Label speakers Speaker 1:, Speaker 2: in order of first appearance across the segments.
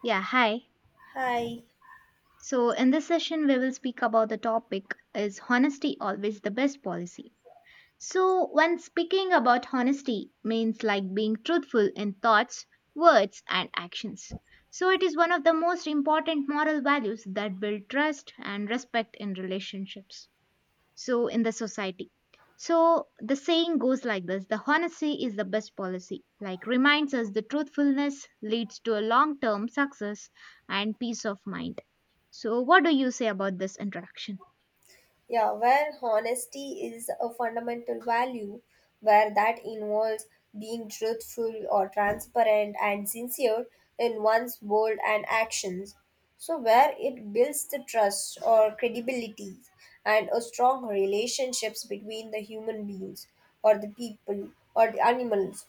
Speaker 1: Yeah, hi.
Speaker 2: Hi.
Speaker 1: So in this session we will speak about the topic, is honesty always the best policy? So when speaking about honesty, means like being truthful in thoughts, words and actions. So it is one of the most important moral values that build trust and respect in relationships, so in the society. So the saying goes like this, the honesty is the best policy, like reminds us the truthfulness leads to a long term success and peace of mind. So what do you say about this interaction?
Speaker 2: Yeah, where honesty is a fundamental value, where that involves being truthful or transparent and sincere in one's word and actions. So, where it builds the trust or credibility and a strong relationships between the human beings or the people or the animals.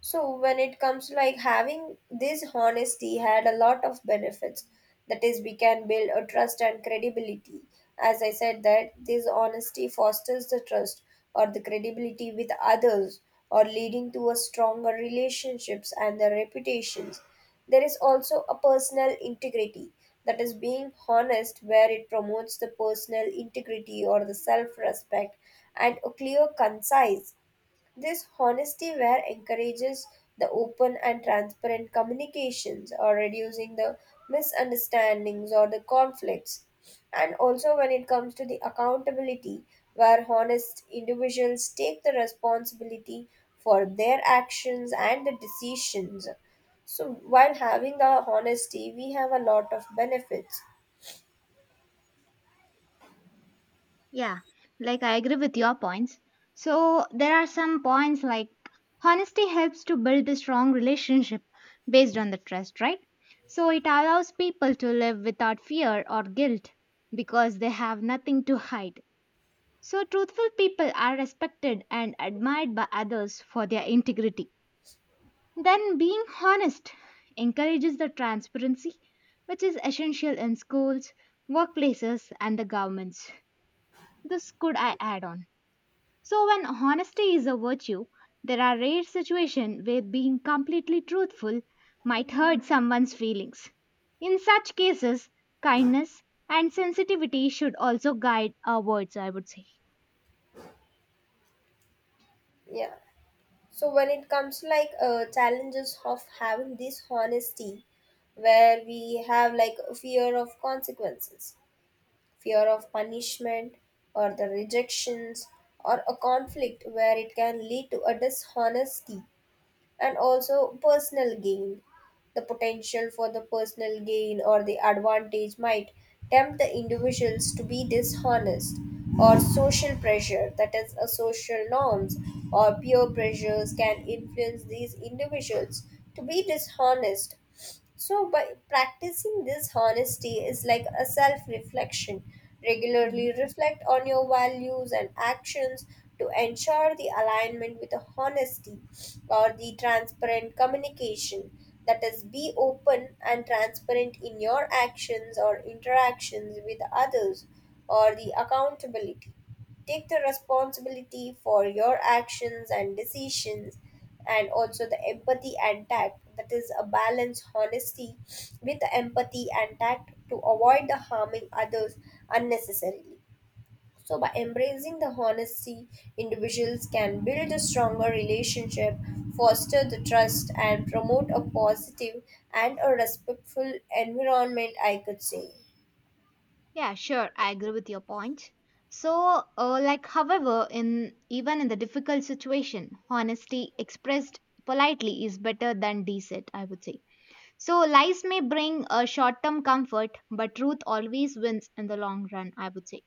Speaker 2: So when it comes to like having this honesty had a lot of benefits, that is we can build a trust and credibility. As I said, that this honesty fosters the trust or the credibility with others or leading to a stronger relationships and the reputations. There is also a personal integrity, that is being honest where it promotes the personal integrity or the self-respect and a clear concise. This honesty where encourages the open and transparent communications or reducing the misunderstandings or the conflicts. And also when it comes to the accountability, where honest individuals take the responsibility for their actions and the decisions. So while having the honesty, we have a lot of benefits.
Speaker 1: Yeah, like I agree with your points. So there are some points like honesty helps to build a strong relationship based on the trust, right? So it allows people to live without fear or guilt because they have nothing to hide. So, truthful people are respected and admired by others for their integrity. Then, being honest encourages the transparency, which is essential in schools, workplaces, and the governments. This could I add on. So, when honesty is a virtue, there are rare situations where being completely truthful might hurt someone's feelings. In such cases, kindness and sensitivity should also guide our words, I would say.
Speaker 2: Yeah. So when it comes to like challenges of having this honesty, where we have like fear of consequences, fear of punishment, or the rejections, or a conflict where it can lead to a dishonesty and also personal gain. The potential for the personal gain or the advantage might tempt the individuals to be dishonest, or social pressure, that is, a social norms or peer pressures, can influence these individuals to be dishonest. So, by practicing this honesty is like a self reflection.
Speaker 1: Mhm.
Speaker 2: Regularly reflect on your values and actions to ensure the alignment with the honesty or the transparent communication. That is, be open and transparent in your actions or interactions with others or the accountability. Take the responsibility for your actions and decisions, and also the empathy and tact, that is a balance honesty with empathy and tact to avoid the harming others unnecessarily. So by embracing the honesty, individuals can build a stronger relationship, foster the trust and promote a positive and a respectful environment, I could say.
Speaker 1: Yeah, sure. I agree with your point. So, however, in even in the difficult situation, honesty expressed politely is better than deceit, I would say. So, lies may bring a short-term comfort, but truth always wins in the long run, I would say.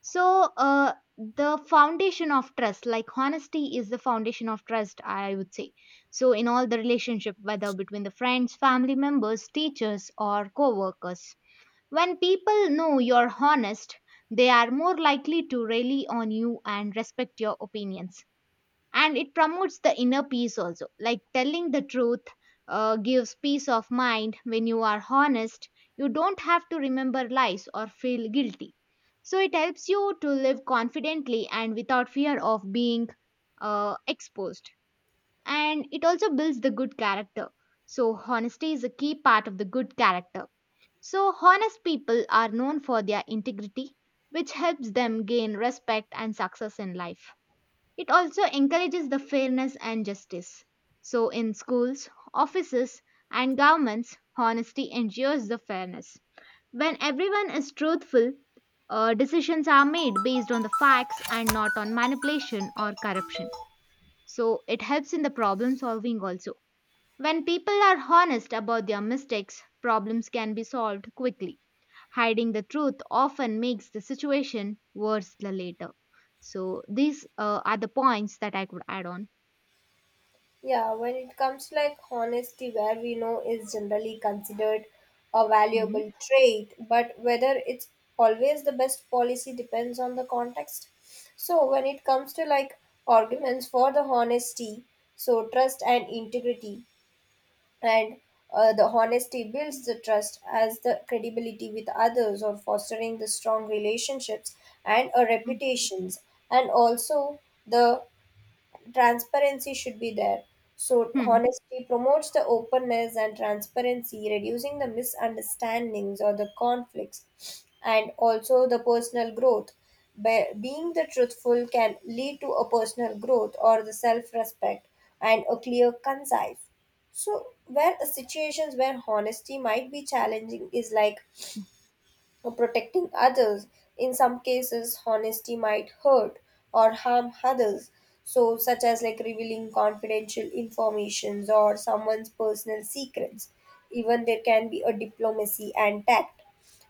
Speaker 1: So, the foundation of trust, like honesty, is the foundation of trust, I would say. So, in all the relationship, whether between the friends, family members, teachers, or co-workers. When people know you're honest, they are more likely to rely on you and respect your opinions. And it promotes the inner peace also. Like telling the truth gives peace of mind when you are honest. You don't have to remember lies or feel guilty. So it helps you to live confidently and without fear of being exposed. And it also builds the good character. So honesty is a key part of the good character. So, honest people are known for their integrity, which helps them gain respect and success in life. It also encourages the fairness and justice. So, in schools, offices, and governments, honesty ensures the fairness. When everyone is truthful, decisions are made based on the facts and not on manipulation or corruption. So, it helps in the problem solving also. When people are honest about their mistakes, problems can be solved quickly. Hiding the truth often makes the situation worse the later. So these are the points that I could add on.
Speaker 2: Yeah, when it comes like honesty, where we know is generally considered a
Speaker 1: Mhm.
Speaker 2: valuable trait, but whether it's always the best policy depends on the context. So when it comes to like arguments for the honesty, so trust and integrity, and the honesty builds the trust as the credibility with others or fostering the strong relationships and
Speaker 1: Mhm.
Speaker 2: reputations, and also the transparency should be there. So
Speaker 1: Hmm.
Speaker 2: honesty promotes the openness and transparency, reducing the misunderstandings or the conflicts, and also the personal growth. Being the truthful can lead to a personal growth or the self-respect and a clear, concise. So where situations where honesty might be challenging is like or protecting others. In some cases, honesty might hurt or harm others, so such as like revealing confidential informations or someone's personal secrets. Even there can be a diplomacy and tact.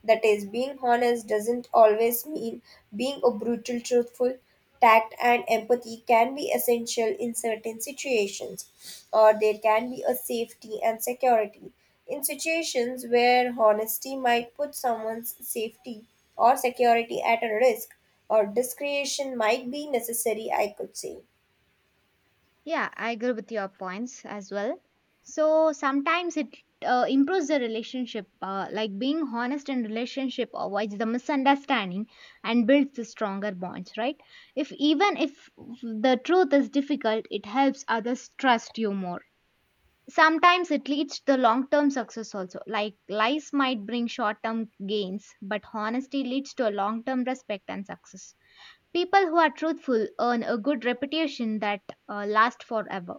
Speaker 2: That is, being honest doesn't always mean being a brutal truthful. Tact and empathy can be essential in certain situations, or there can be a safety and security. In situations where honesty might put someone's safety or security at a risk, or discretion might be necessary, I could say.
Speaker 1: Yeah, I agree with your points as well. So sometimes it improves the relationship, like being honest in relationship avoids the misunderstanding and builds the stronger bonds, right? If even if the truth is difficult, it helps others trust you more. Sometimes it leads to long-term success also. Like lies might bring short-term gains, but honesty leads to a long-term respect and success. People who are truthful earn a good reputation that lasts forever.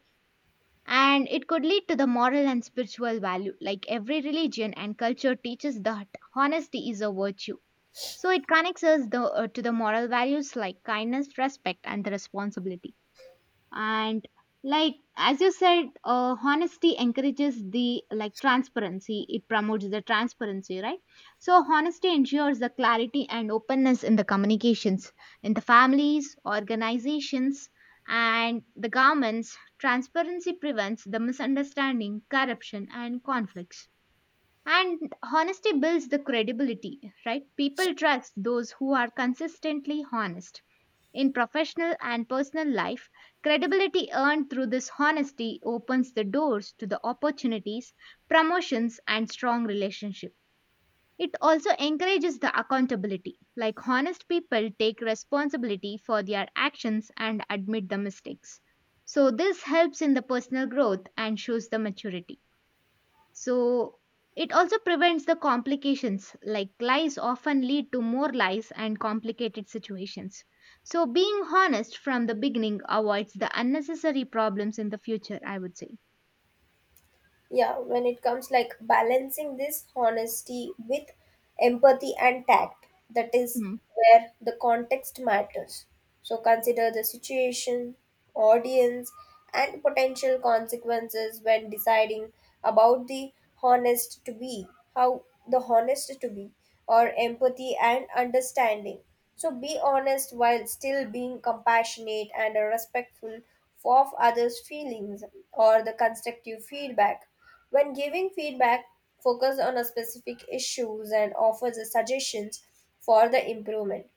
Speaker 1: And it could lead to the moral and spiritual value, like every religion and culture teaches that honesty is a virtue. So it connects us to the moral values like kindness, respect and the responsibility. And like as you said, honesty encourages the like transparency, it promotes the transparency, right? So honesty ensures the clarity and openness in the communications, in the families, organizations, and the governments. Transparency prevents the misunderstanding, corruption and conflicts. And honesty builds the credibility, right? People trust those who are consistently honest. In professional and personal life, credibility earned through this honesty opens the doors to the opportunities, promotions, and strong relationships. It also encourages the accountability, like honest people take responsibility for their actions and admit the mistakes. So, this helps in the personal growth and shows the maturity. So it also prevents the complications, like lies often lead to more lies and complicated situations. So being honest from the beginning avoids the unnecessary problems in the future, I would say.
Speaker 2: Yeah, when it comes like balancing this honesty with empathy and tact, that is
Speaker 1: Hmm.
Speaker 2: where the context matters. So consider the situation, audience, and potential consequences when deciding about the honest to be, how the honest to be, or empathy and understanding. So be honest while still being compassionate and respectful of others' feelings or the constructive feedback. When giving feedback, focus on a specific issues and offer the suggestions for the improvement.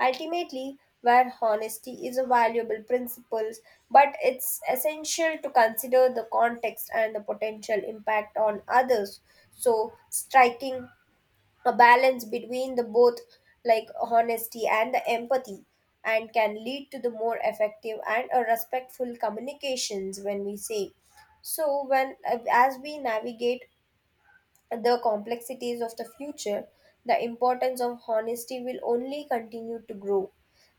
Speaker 2: Ultimately, where honesty is a valuable principle, but it's essential to consider the context and the potential impact on others. So, striking a balance between the both, like honesty and the empathy, and can lead to the more effective and a respectful communications when we say. So when, as we navigate the complexities of the future, the importance of honesty will only continue to grow.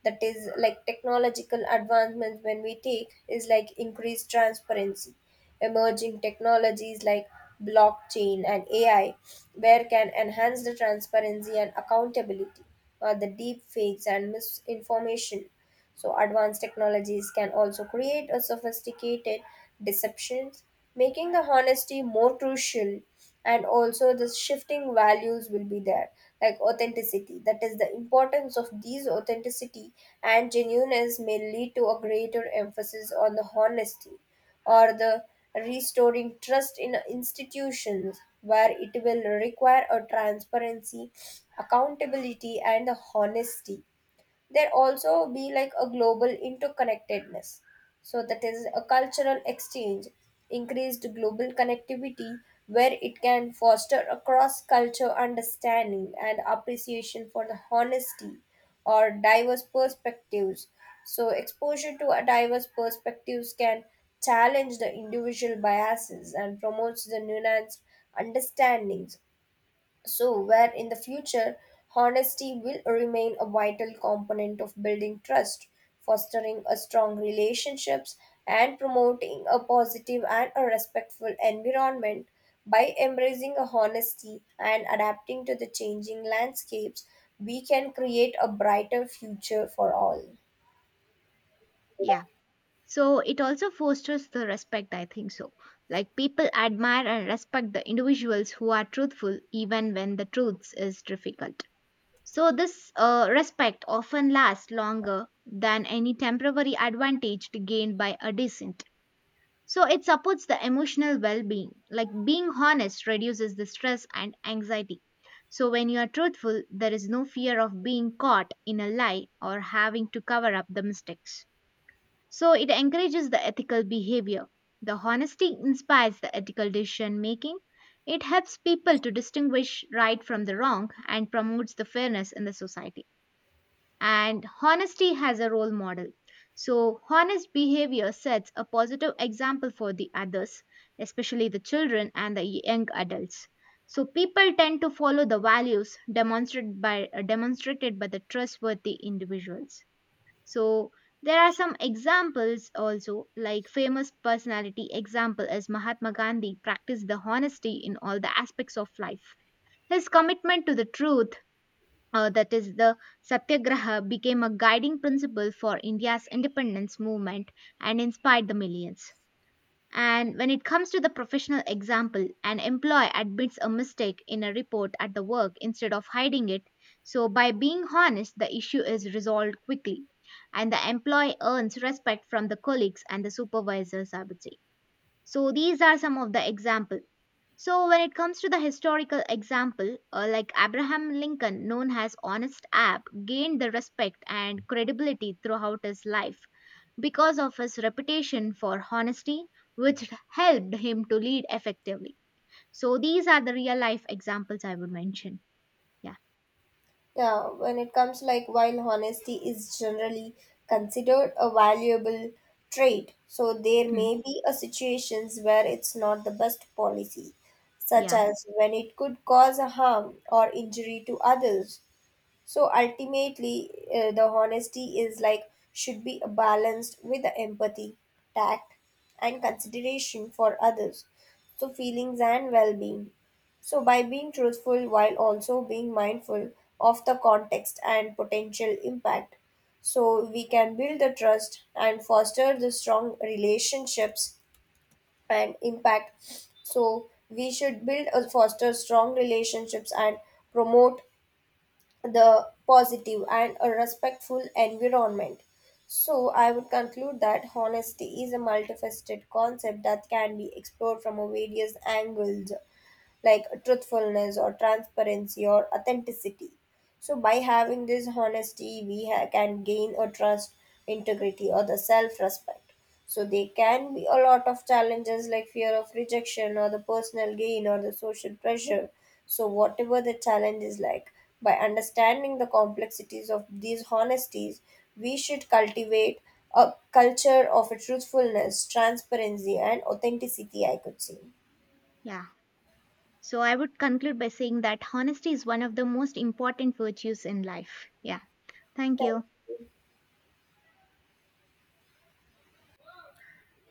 Speaker 2: That is, like technological advancements, when we take, is like increased transparency. Emerging technologies like blockchain and AI, where can enhance the transparency and accountability, or the deep fakes and misinformation. So, advanced technologies can also create a sophisticated deceptions, making the honesty more crucial. And also, the shifting values will be there, like authenticity. That is, the importance of these authenticity and genuineness may lead to a greater emphasis on the honesty or the restoring trust in institutions where it will require a transparency, accountability and the honesty. There also be like a global interconnectedness, so that is a cultural exchange, increased global connectivity, where it can foster a cross culture understanding and appreciation for the honesty or diverse perspectives. So exposure to a diverse perspectives can challenge the individual biases and promotes the nuanced understandings. So, where in the future honesty will remain a vital component of building trust, fostering a strong relationships, and promoting a positive and a respectful environment. By embracing a honesty and adapting to the changing landscapes, we can create a brighter future for all.
Speaker 1: Yeah. So it also fosters the respect, I think so. Like people admire and respect the individuals who are truthful even when the truth is difficult. So this respect often lasts longer than any temporary advantage gained by a dissent. So it supports the emotional well being. Like being honest reduces the stress and anxiety. So when you are truthful, there is no fear of being caught in a lie or having to cover up the mistakes. So it encourages the ethical behavior. The honesty inspires the ethical decision making. It helps people to distinguish right from the wrong and promotes the fairness in the society. And honesty has a role model. So, honest behavior sets a positive example for the others, especially the children and the young adults. So, people tend to follow the values demonstrated by, demonstrated by the trustworthy individuals. So, there are some examples also, like famous personality example as Mahatma Gandhi practiced the honesty in all the aspects of life. His commitment to the truth, that is the satyagraha, became a guiding principle for India's independence movement and inspired the millions. And when it comes to the professional example, an employee admits a mistake in a report at the work instead of hiding it. So by being honest, the issue is resolved quickly and the employee earns respect from the colleagues and the supervisors, I would say. So these are some of the examples. So, when it comes to the historical example, like Abraham Lincoln, known as Honest Ab, gained the respect and credibility throughout his life because of his reputation for honesty, which helped him to lead effectively. So, these are the real life examples I would mention. Yeah.
Speaker 2: Yeah, when it comes like while honesty is generally considered a valuable trait, so there
Speaker 1: Mm.
Speaker 2: may be a situations where it's not the best policy, such
Speaker 1: Yeah,
Speaker 2: as when it could cause a harm or injury to others. So ultimately, the honesty is like should be balanced with the empathy, tact, and consideration for others. So feelings and well-being. So by being truthful while also being mindful of the context and potential impact, so we can build the trust and foster the strong relationships and impact. So we should build or foster strong relationships and promote the positive and a respectful environment. So, I would conclude that honesty is a multifaceted concept that can be explored from a various angles, like truthfulness or transparency or authenticity. So by having this honesty, we can gain a trust, integrity, or the self-respect. So there can be a lot of challenges like fear of rejection or the personal gain or the social pressure. So whatever the challenge is like, by understanding the complexities of these honesties, we should cultivate a culture of truthfulness, transparency, and authenticity. I could say.
Speaker 1: yeah. So I would conclude by saying that honesty is one of the most important virtues in life. Yeah. Thank
Speaker 2: Thank
Speaker 1: you.
Speaker 2: you.